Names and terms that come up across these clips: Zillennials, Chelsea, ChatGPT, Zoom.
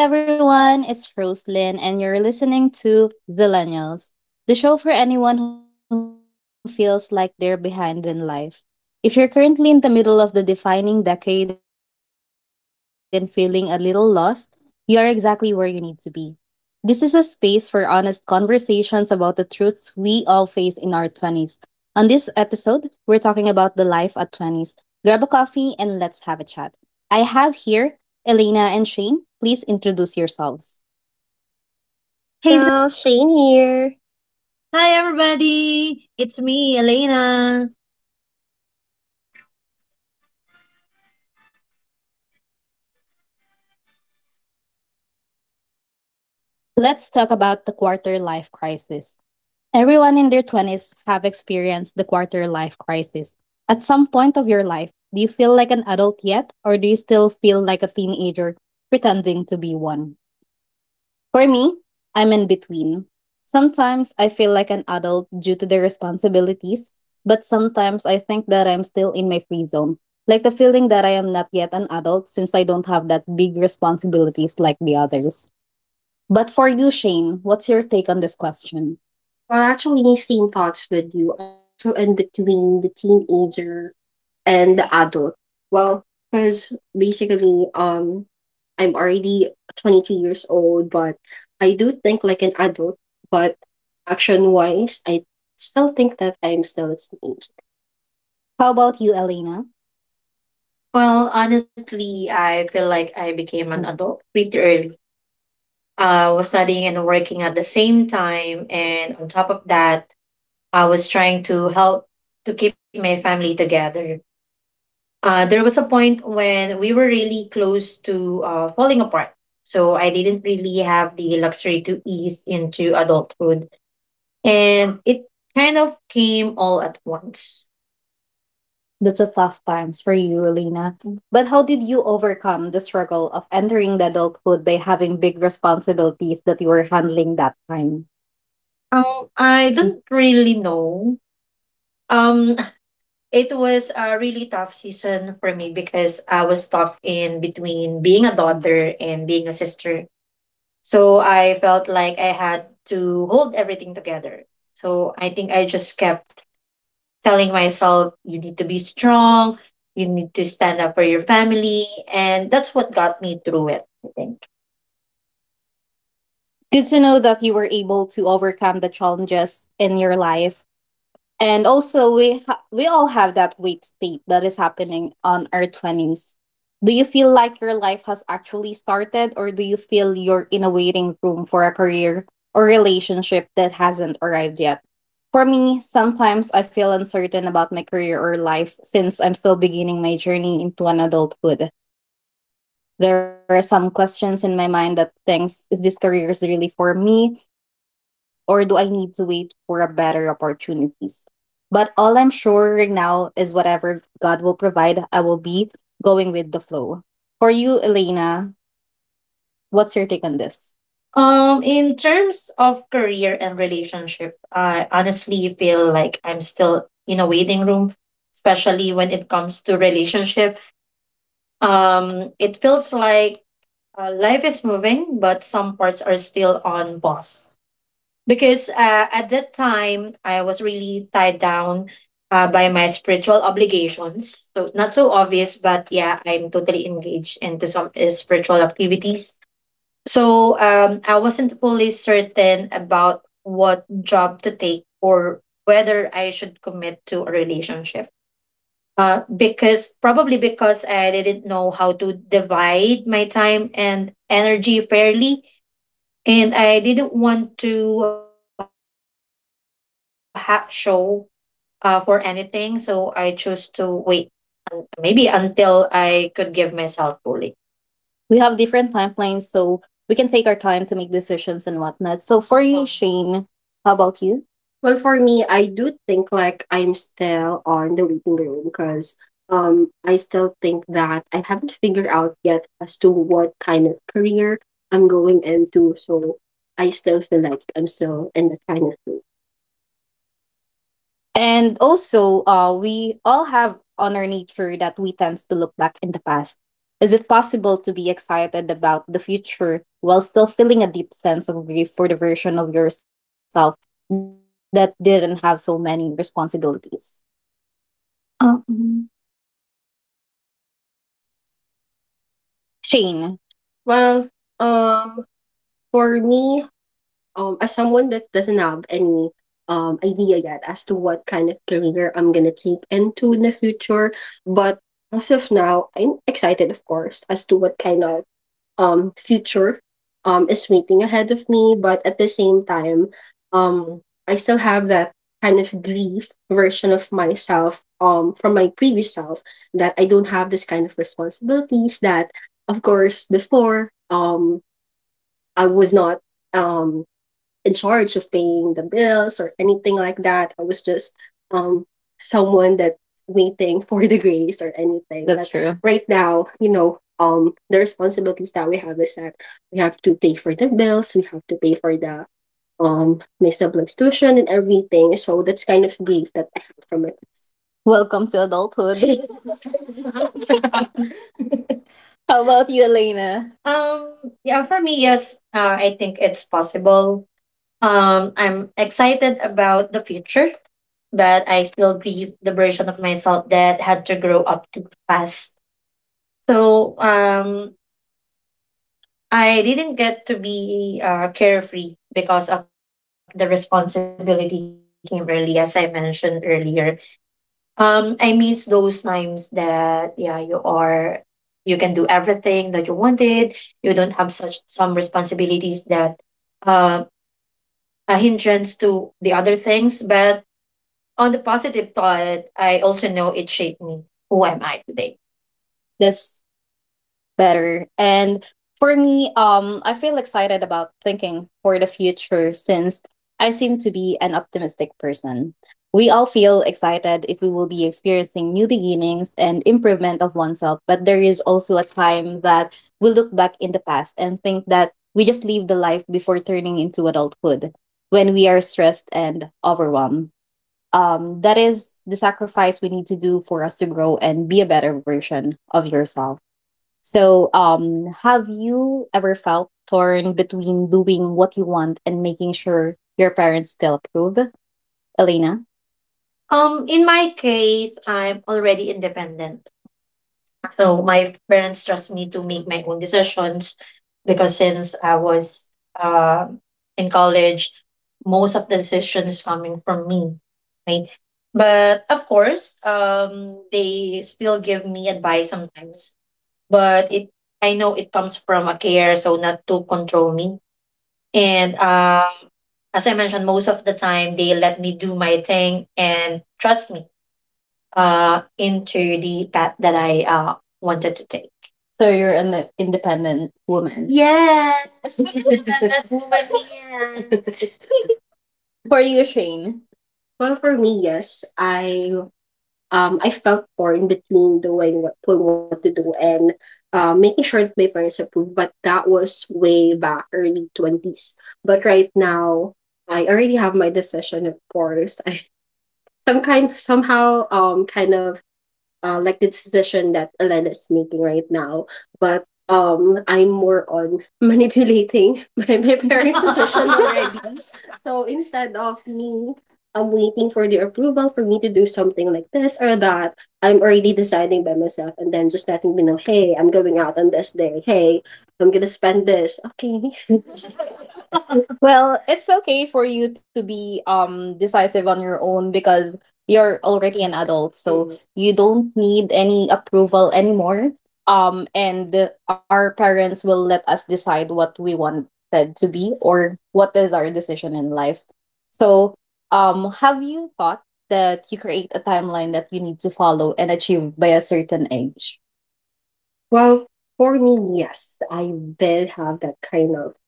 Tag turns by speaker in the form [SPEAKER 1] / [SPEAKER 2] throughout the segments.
[SPEAKER 1] Hey everyone, it's Roselyn, and you're listening to Zillennials, the show for anyone who feels like they're behind in life. If you're currently in the middle of the defining decade and feeling a little lost, you're exactly where you need to be. This is a space for honest conversations about the truths we all face in our 20s. On this episode, we're talking about the life at 20s. Grab a coffee and let's have a chat. I have here Elena and Shane. Please introduce yourselves.
[SPEAKER 2] Hey,
[SPEAKER 1] Hey.
[SPEAKER 2] Ziller. Hi. Um,
[SPEAKER 1] Let's talk about the quarter life crisis. Everyone in their 20s have experienced the quarter life crisis. At some point of your life, do you feel like an adult yet or do you still feel like a teenager pretending to be one? For me, I'm in between. Sometimes I feel like an adult due to the responsibilities, but sometimes I think that I'm still in my free zone. Like the feeling that I am not yet an adult since I don't have that big responsibilities like the others. But for you, Shane, what's your take on this question? Well, actually, same thoughts with you. I'm also in between the teenager and the adult. Well, because basically, I'm already 22 years old, but I do think like an adult. But action wise, I still think that I'm still a teenager. How about you, Elena? Well, honestly, I feel like I became an adult pretty early. I was studying and working at the same time. And on top of that, I was trying to help to keep my family together. There was a point when we were really close to falling apart. So I didn't really have the luxury to ease into adulthood. And it kind of came all at once. That's a tough times for you, Elena. But how did you overcome the struggle of entering the adulthood by having big responsibilities that you were handling that time? I don't really know. Um, it was a really tough season for me because I was stuck in between being a daughter and being a sister. So I felt like I had to hold everything together. So I think I just kept telling myself, you need to be strong, you need to stand up for your family. And that's what got me through it, I think. Good to know that you were able to overcome the challenges in your life. And also, we all have that weight state that is happening on our twenties. Do you feel like your life has actually started, or do you feel you're in a waiting room for a career or relationship that hasn't arrived yet? For me, sometimes I feel uncertain about my career or life since I'm still beginning my journey into an adulthood. There are some questions in my mind that thinks, is this career is really for me, or do I need to wait for a better opportunities? But all I'm sure right now is whatever God will provide, I will be going with the flow. For you, Elena, what's your take on this? In terms of career and relationship, I honestly feel like I'm still in a waiting room, especially when it comes to relationship. It feels like life is moving, but some parts are still on pause because at that time I was really tied down by my spiritual obligations. So not so obvious, but yeah, I'm totally engaged into some spiritual activities. So I wasn't fully certain about what job to take or whether I should commit to a relationship. Because probably because I didn't know how to divide my time and energy fairly, and I didn't want to have show for anything. So I chose to wait maybe until I could give myself fully. We have different timelines, so we can take our time to make decisions and whatnot. So for you, Shane, how about you? Well, for me, I do think like I'm still on the waiting room because I still think that I haven't figured out yet as to what kind of career I'm going into. So I still feel like I'm still in that kind of and also, we all have on our nature that we tend to look back in the past. Is it possible to be excited about the future while still feeling a deep sense of grief for the version of yourself that didn't have so many responsibilities? Shane. Well, um, for me, as someone that doesn't have any idea yet as to what kind of career I'm gonna take into in the future, but as of now, I'm excited, of course, as to what kind of future is waiting ahead of me. But at the same time, um, I still have that kind of grief version of myself from my previous self that I don't have this kind of responsibilities that, of course, before I was not um, in charge of paying the bills or anything like that. I was just um, someone that waiting for the grace or anything. That's But true. Right now, you know, the responsibilities that we have is that we have to pay for the bills, we have to pay for the my siblings' tuition and everything. So that's kind of grief that I have from my past. Welcome to adulthood. How about you, Elena? Yeah, for me, yes, I think it's possible. I'm excited about the future, but I still grieve the version of myself that had to grow up too fast. So, I didn't get to be carefree because of the responsibility came early, as I mentioned earlier. I miss those times that yeah, you can do everything that you wanted. You don't have such some responsibilities that uh, a hindrance to the other things. But on the positive thought, I also know it shaped me who am I today. That's better. And for me, I feel excited about thinking for the future since I seem to be an optimistic person. We all feel excited if we will be experiencing new beginnings and improvement of oneself, but there is also a time that we look back in the past and think that we just lived the life before turning into adulthood when we are stressed and overwhelmed. That is the sacrifice we need to do for us to grow and be a better version of yourself. So, have you ever felt torn between doing what you want and making sure your parents still approve? Elena? In my case, I'm already independent. So my parents trust me to make my own decisions because since I was uh, in college, most of the decisions coming from me. Right? But of course, they still give me advice sometimes but it I know it comes from a care, so not to control me. And as I mentioned, most of the time they let me do my thing and trust me into the path that I wanted to take. So you're an independent woman. Yeah, independent woman here. For you, Shane. Well, for me, yes. I felt poor in between doing what I want to do and making sure that my parents approve. But that was way back early twenties. But right now, I already have my decision. Of course, I some kind somehow kind of like the decision that Elena is making right now. But I'm more on manipulating my parents' decision already so instead of me, I'm waiting for the approval for me to do something like this or that. I'm already deciding by myself and then just letting me know, hey, I'm going out on this day. Hey, I'm gonna spend this. Okay. Well, it's okay for you to be decisive on your own because you're already an adult, so Mm. you don't need any approval anymore. And our parents will let us decide what we want expected to be or what is our decision in life. So, have you thought that you create a timeline that you need to follow and achieve by a certain age? Well, for me, yes, I did have that kind of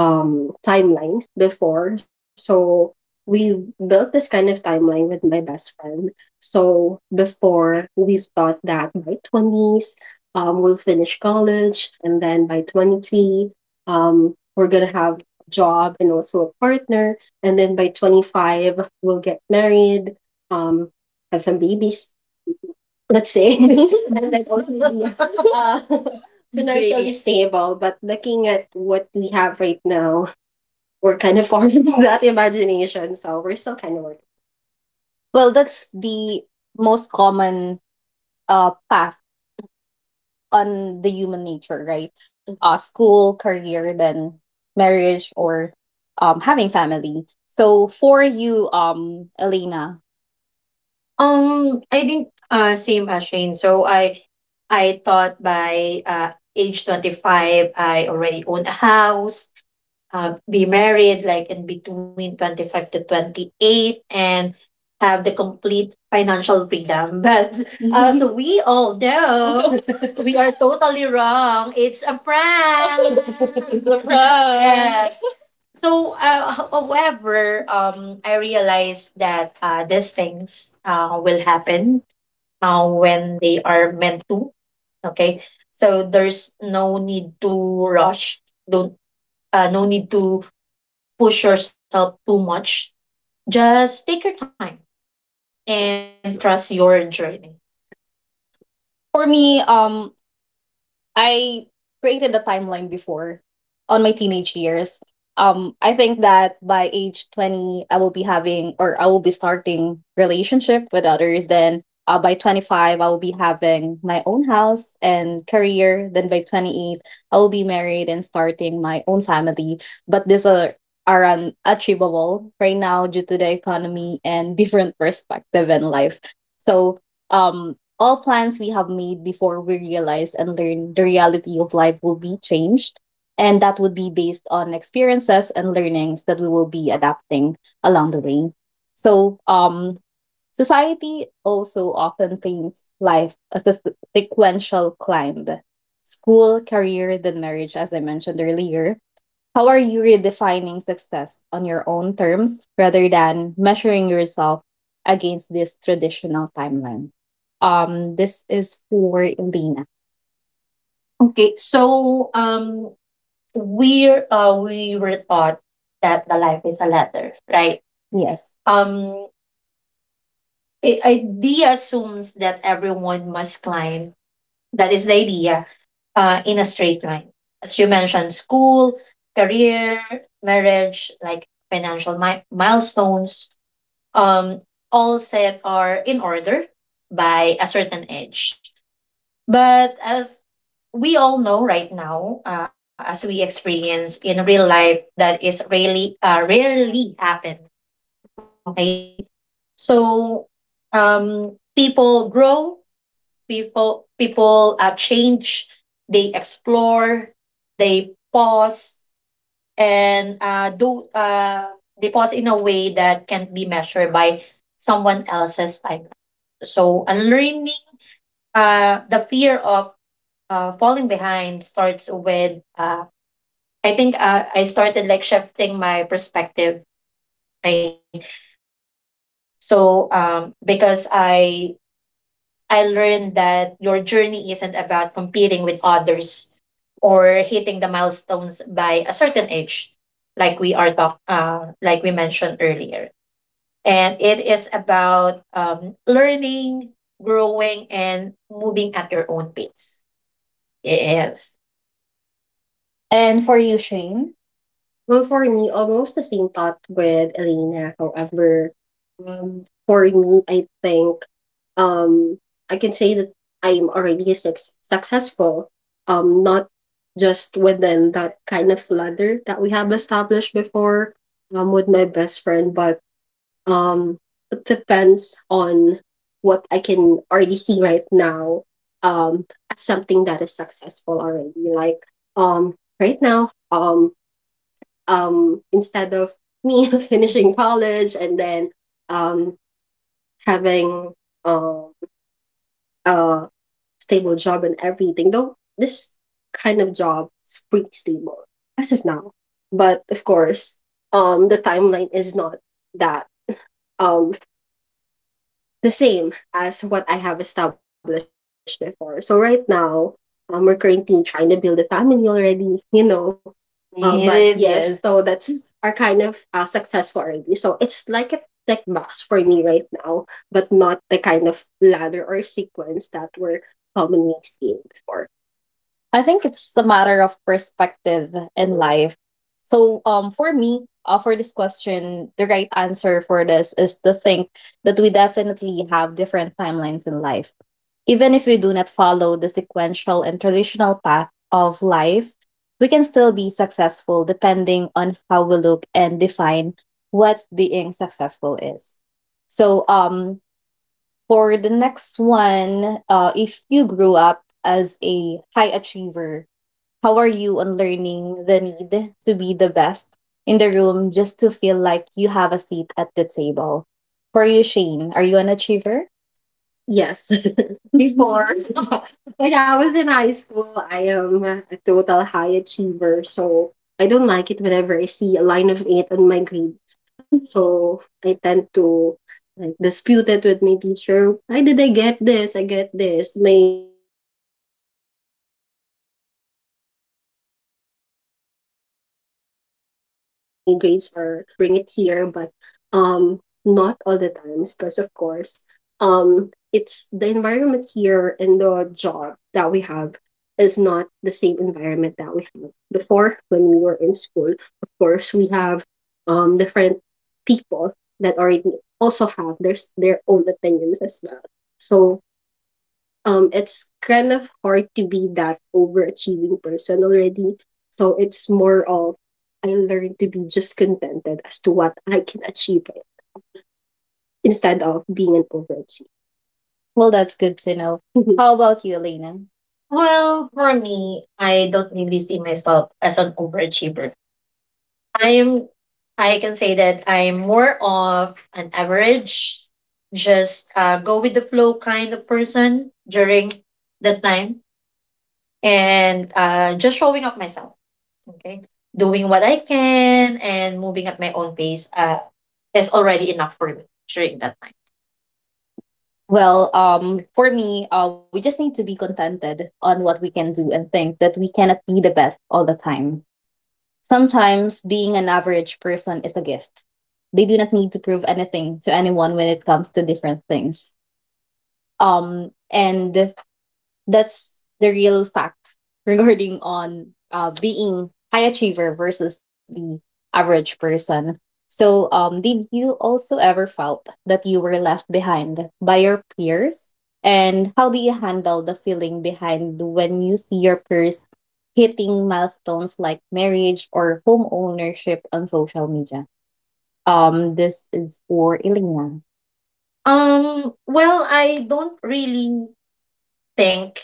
[SPEAKER 1] timeline before so we built this kind of timeline with my best friend so before we've thought that by 20s we'll finish college and then by 23 we're gonna have a job and also a partner and then by 25 we'll get married um, have some babies let's say. And then also be financially Great. Stable. But looking at what we have right now, we're kind of far from that imagination. So we're still kind of working. Well, that's the most common path on the human nature, right? School, career, then marriage or having family. So for you, Elena. I think same as Shane. So I thought by age 25 I already own a house, be married like in between 25 to 28, and have the complete financial freedom. But as we all know, we are totally wrong. It's a prank. It's a prank. However, I realized that these things will happen when they are meant to. Okay, so there's no need to rush. Don't no need to push yourself too much. Just take your time and trust your journey. For me, I created a timeline before on my teenage years. I think that by age 20, I will be having, or I will be starting relationship with others. Then by 25, I will be having my own house and career. Then by 28, I will be married and starting my own family. But these are unachievable right now due to the economy and different perspective in life. So um all plans we have made before we realize and learn the reality of life will be changed. And that would be based on experiences and learnings that we will be adapting along the way. So, society also often paints life as a sequential climb: school, career, then marriage. As I mentioned earlier, how are you redefining success on your own terms rather than measuring yourself against this traditional timeline? This is for Elena. Okay, so we were taught that the life is a letter, right? Yes. Idea assumes that everyone must climb. That is the idea in a straight line. As you mentioned: school, career, marriage, like financial milestones, um, all set are in order by a certain age. But as we all know right now, as we experience in real life, that is really rarely happen. Okay. So people grow, people change, they explore, they pause, and do they pause in a way that can't be measured by someone else's time. So unlearning the fear of falling behind starts with I think I started like shifting my perspective. Right. So because I learned that your journey isn't about competing with others or hitting the milestones by a certain age, like we mentioned earlier. And it is about learning, growing, and moving at your own pace. Yes. And for you, Shane? Well, for me, almost the same thought with Elena. However, for me, I think um, I can say that I'm already successful, not just within that kind of ladder that we have established before with my best friend, but um, it depends on what I can already see right now um, as something that is successful already. Like um, right now, instead of me finishing college and then um having um a stable job and everything, though this kind of job is pretty stable as of now. But of course, the timeline is not that um the same as what I have established before. So right now, we're currently trying to build a family already, you know. Um, but yes, yes, so that's are kind of successful already. So it's like a tech box for me right now, but not the kind of ladder or sequence that we're commonly seeing before. I think it's the matter of perspective in life. So, for me, for this question, the right answer for this is to think that we definitely have different timelines in life. Even if we do not follow the sequential and traditional path of life, we can still be successful depending on how we look and define what being successful is. So, for the next one, if you grew up as a high achiever, how are you on learning the need to be the best in the room just to feel like you have a seat at the table? For you, Shane, are you an achiever? Yes, before. When I was in high school, I am a total high achiever. So I don't like it whenever I see a line of eight on my grades. So I tend to like dispute it with my teacher. Why did I get this? I get this. My grades are my grades are supposed to be like that. So you're a competitive type of, yes, student. They're competitive. Sometimes I still bring it here, but not all the times because of course, um, it's the environment here and the job that we have is not the same environment that we had before when we were in school. Of course, we have different people that already also have their own opinions as well. So it's kind of hard to be that overachieving person already. So it's more of I learned to be just contented as to what I can achieve instead of being an overachiever. Well, that's good to know. How about you, Elena? Well, for me, I don't really see myself as an overachiever. I am, I can say that I'm more of an average, just go with the flow kind of person during the time, and just showing up myself. Okay. Doing what I can and moving at my own pace is already enough for me during that. Well, for me, we just need to be contented on what we can do and think that we cannot be the best all the time. Sometimes being an average person is a gift. They do not need to prove anything to anyone when it comes to different things. And that's the real fact regarding on being high achiever versus the average person. So, did you also ever felt that you were left behind by your peers? And how do you handle the feeling behind when you see your peers hitting milestones like marriage or home ownership on social media? This is for Elena. Well, I don't really think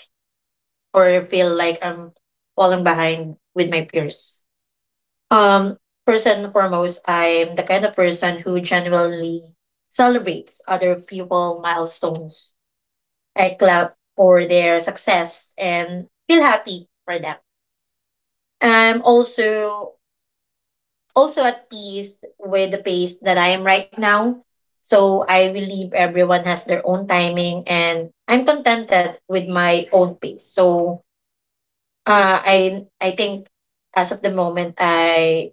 [SPEAKER 1] or feel like I'm falling behind with my peers. Um, First and foremost, I'm the kind of person who genuinely celebrates other people' milestones. I clap for their success and feel happy for them. I'm also also at peace with the pace that I am right now. So I believe everyone has their own timing and I'm contented with my own pace. So I think as of the moment, I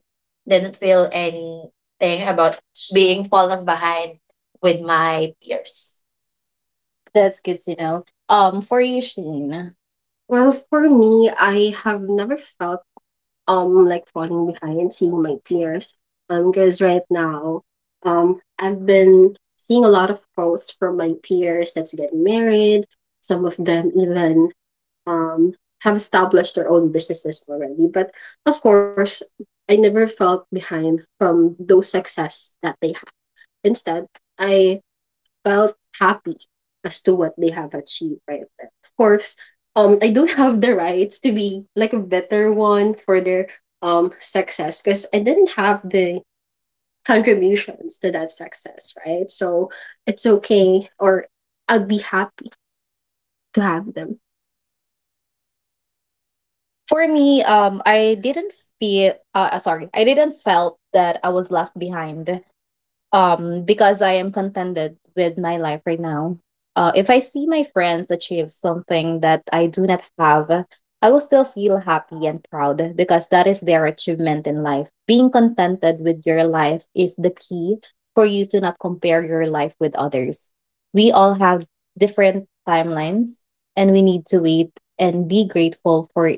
[SPEAKER 1] didn't feel anything about being fallen behind with my peers. That's good to know. For you, Shane. Well, for me, I have never felt like falling behind seeing my peers. Because right now, I've been seeing a lot of posts from my peers that's getting married. Some of them even um, have established their own businesses already. But of course, I never felt behind from those success that they have. Instead, I felt happy as to what they have achieved right there. Of course, I don't have the rights to be like a better one for their success because I didn't have the contributions to that success, right? So it's okay, or I would be happy to have them. For me, I didn't feel. Sorry, I didn't felt that I was left behind because I am contented with my life right now. If I see my friends achieve something that I do not have, I will still feel happy and proud because that is their achievement in life. Being contented with your life is the key for you to not compare your life with others. We all have different timelines, and we need to wait and be grateful for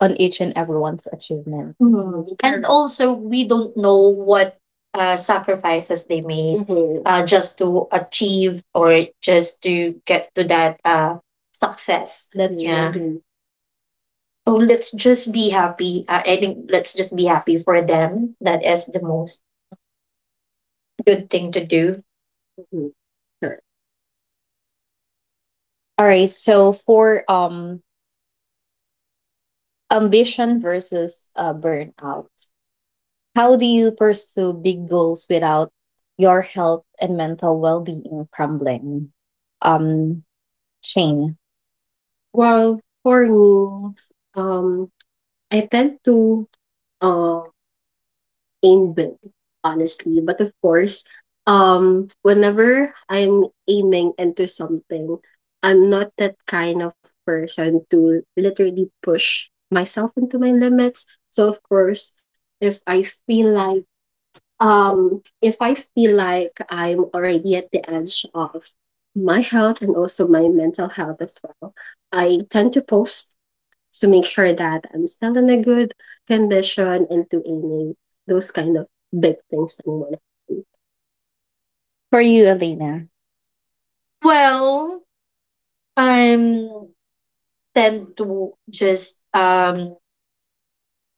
[SPEAKER 1] on each and everyone's achievement. Mhm. And, correct, also, we don't know what sacrifices they made, mhm, just to achieve or just to get to that success. That's, yeah, right. So let's just be happy. I think let's just be happy for them. That is the most good thing to do. Mhm. Sure. All right. So for ambition versus burnout, how do you pursue big goals without your health and mental well being crumbling? Um, Shane. Well, for me, um, I tend to uh, aim big, honestly. But of course, whenever I'm aiming into something, I'm not that kind of person to literally push myself into my limits. So of course, if I feel like if I feel like I'm already at the edge of my health and also my mental health as well, I tend to post to make sure that I'm still in a good condition into aiming those kind of big things that I want. For you, Elena. Well, I'm tend to just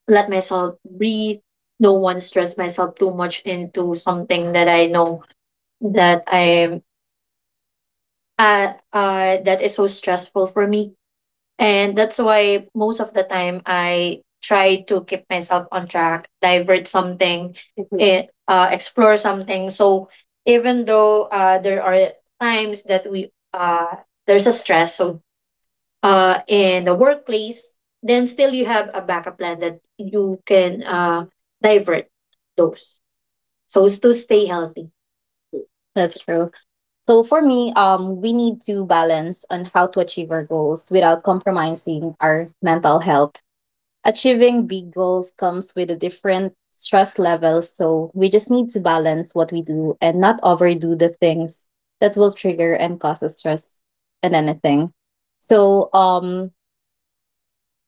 [SPEAKER 1] let myself breathe, don't want to stress myself too much into something that I know that I'm that is so stressful for me. And that's why most of the time I try to keep myself on track, divert something. Mhm. Explore something. So even though there are times that we there's a stress so in the workplace, then still you have a backup plan that you can divert those, so as to stay healthy. That's true. So for me, we need to balance on how to achieve our goals without compromising our mental health. Achieving big goals comes with a different stress level, so we just need to balance what we do and not overdo the things that will trigger and cause us stress and anything. So, um,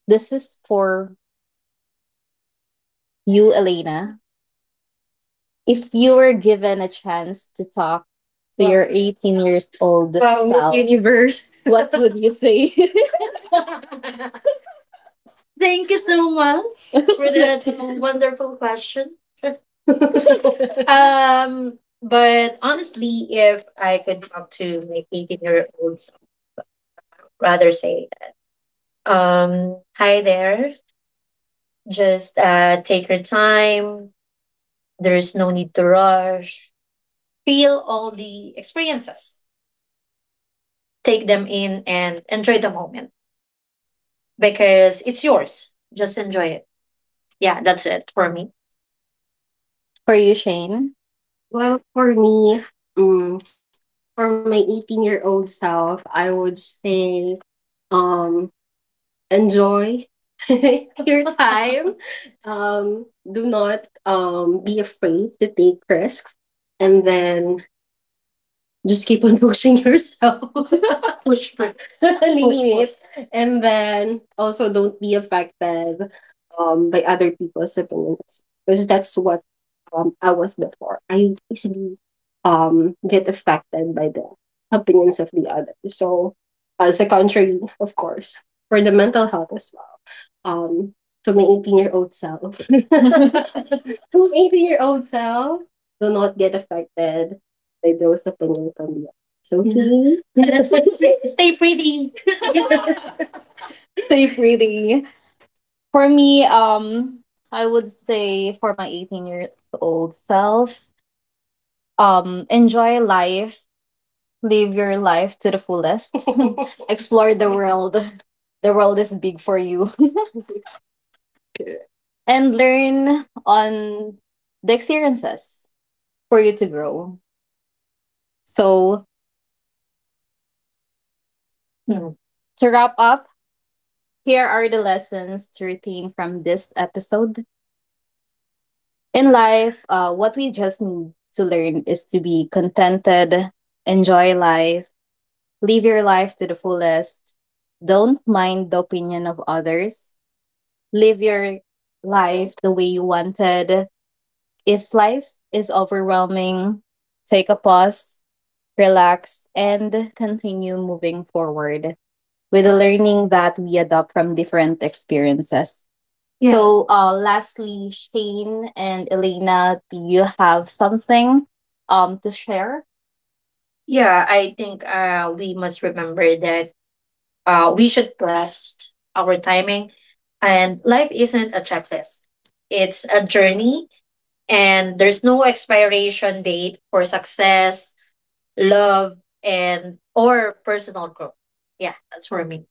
[SPEAKER 1] this is for you, Elena. If you were given a chance to talk to, wow, your 18 years old, wow, Miss self, Universe. what would you say? Thank you so much for that wonderful question. But honestly, if I could talk to my 18-year-old, I'd rather say, hi there, just take your time. There's no need to rush. Feel all the experiences, take them in and enjoy the moment because it's yours. Just enjoy it. Yeah, that's it for me. For you, Shane? Well, for me, mm, for my 18-year-old self, I would say, Um, enjoy your time. Do not be afraid to take risks, and then just keep on pushing yourself. Push, push, push, push. Limit. And then also, don't be affected by other people's opinions, because that's what I was before. I easily get affected by the opinions of the other. So as a contrary, of course, for the mental health as well. Um to my 18-year-old self, to my 18-year-old self, do not get affected by those opinions from the others. Yeah. Okay. Stay pretty. Stay pretty. For me, I would say for my 18 years old self, enjoy life, live your life to the fullest, explore the world. The world is big for you, and learn on the experiences for you to grow. So, Mm. To wrap up, here are the lessons to retain from this episode. In life, what we just need to learn is to be contented, enjoy life, live your life to the fullest. Don't mind the opinion of others. Live your life the way you wanted. If life is overwhelming, take a pause, relax, and continue moving forward with the learning that we adopt from different experiences. Yeah. So, lastly, Shane and Elena, do you have something to share? Yeah, I think we must remember that we should blast our timing. And life isn't a checklist, it's a journey, and there's no expiration date for success, love, and or personal growth. Yeah, that's for me.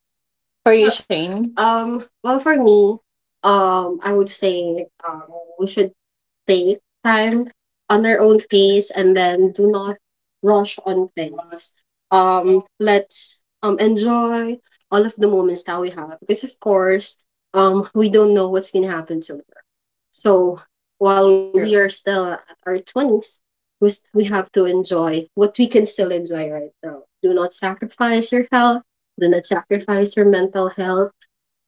[SPEAKER 1] For you, Shane. Well, for me, I would say we should take time on our own pace, and then do not rush on things. Let's enjoy all of the moments that we have because, of course, we don't know what's gonna happen tomorrow. So while true, we are still at our twenties, we have to enjoy what we can still enjoy right now. Do not sacrifice your health, do not sacrifice your mental health.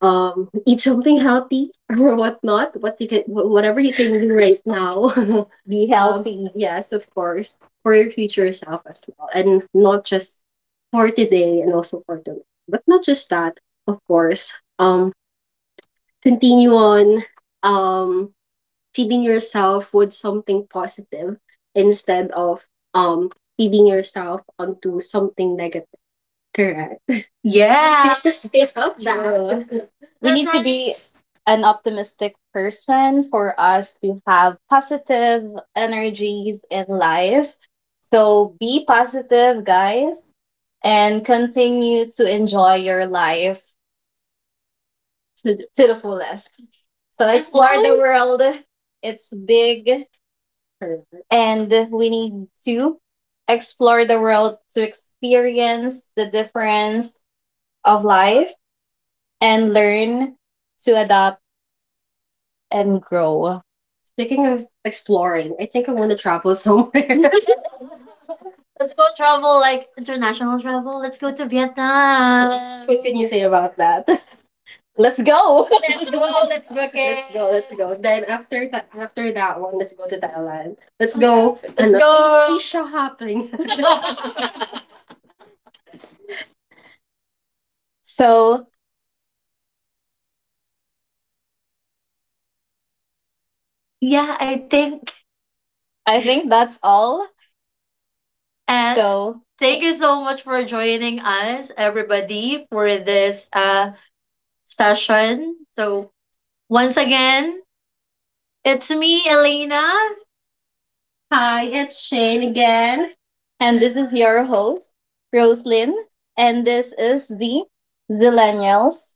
[SPEAKER 1] Eat something healthy or whatnot. Whatever you can do right now. Be healthy. Yes, of course, for your future self as well, and not just for today and also for tomorrow. But not just that, of course. Continue on, Um, feeding yourself with something positive instead of um feeding yourself onto something negative. Correct. Yeah. Yes, I love that. True. We That's need to right. be an optimistic person for us to have positive energies in life. So be positive, guys, and continue to enjoy your life to the fullest. So, as explore the long- world. It's big. Correct. And we need to explore the world to experience the difference of life and learn to adapt and grow. Speaking of exploring, I think I want to travel somewhere. Let's go travel, like international travel. Let's go to Vietnam. What can you say about that? Let's go. Let's go. Let's book it. Let's go, let's go. Then after that one, let's go to Thailand. Let's go. Let's ano, go. Asia hopping. So yeah, I think, I think that's all. And so, thank you so much for joining us, everybody, for this session. So once again, it's me, Elena. Hi, it's Shane again. And this is your host, Roslyn. And this is the Zillennials.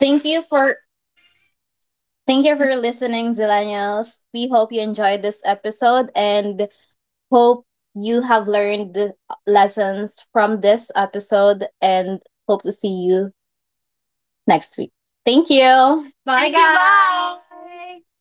[SPEAKER 1] Thank you for— thank you for listening, Zillennials. We hope you enjoyed this episode and hope you have learned the lessons from this episode, and hope to see you next week. Thank you. Bye, bye, guys. Bye.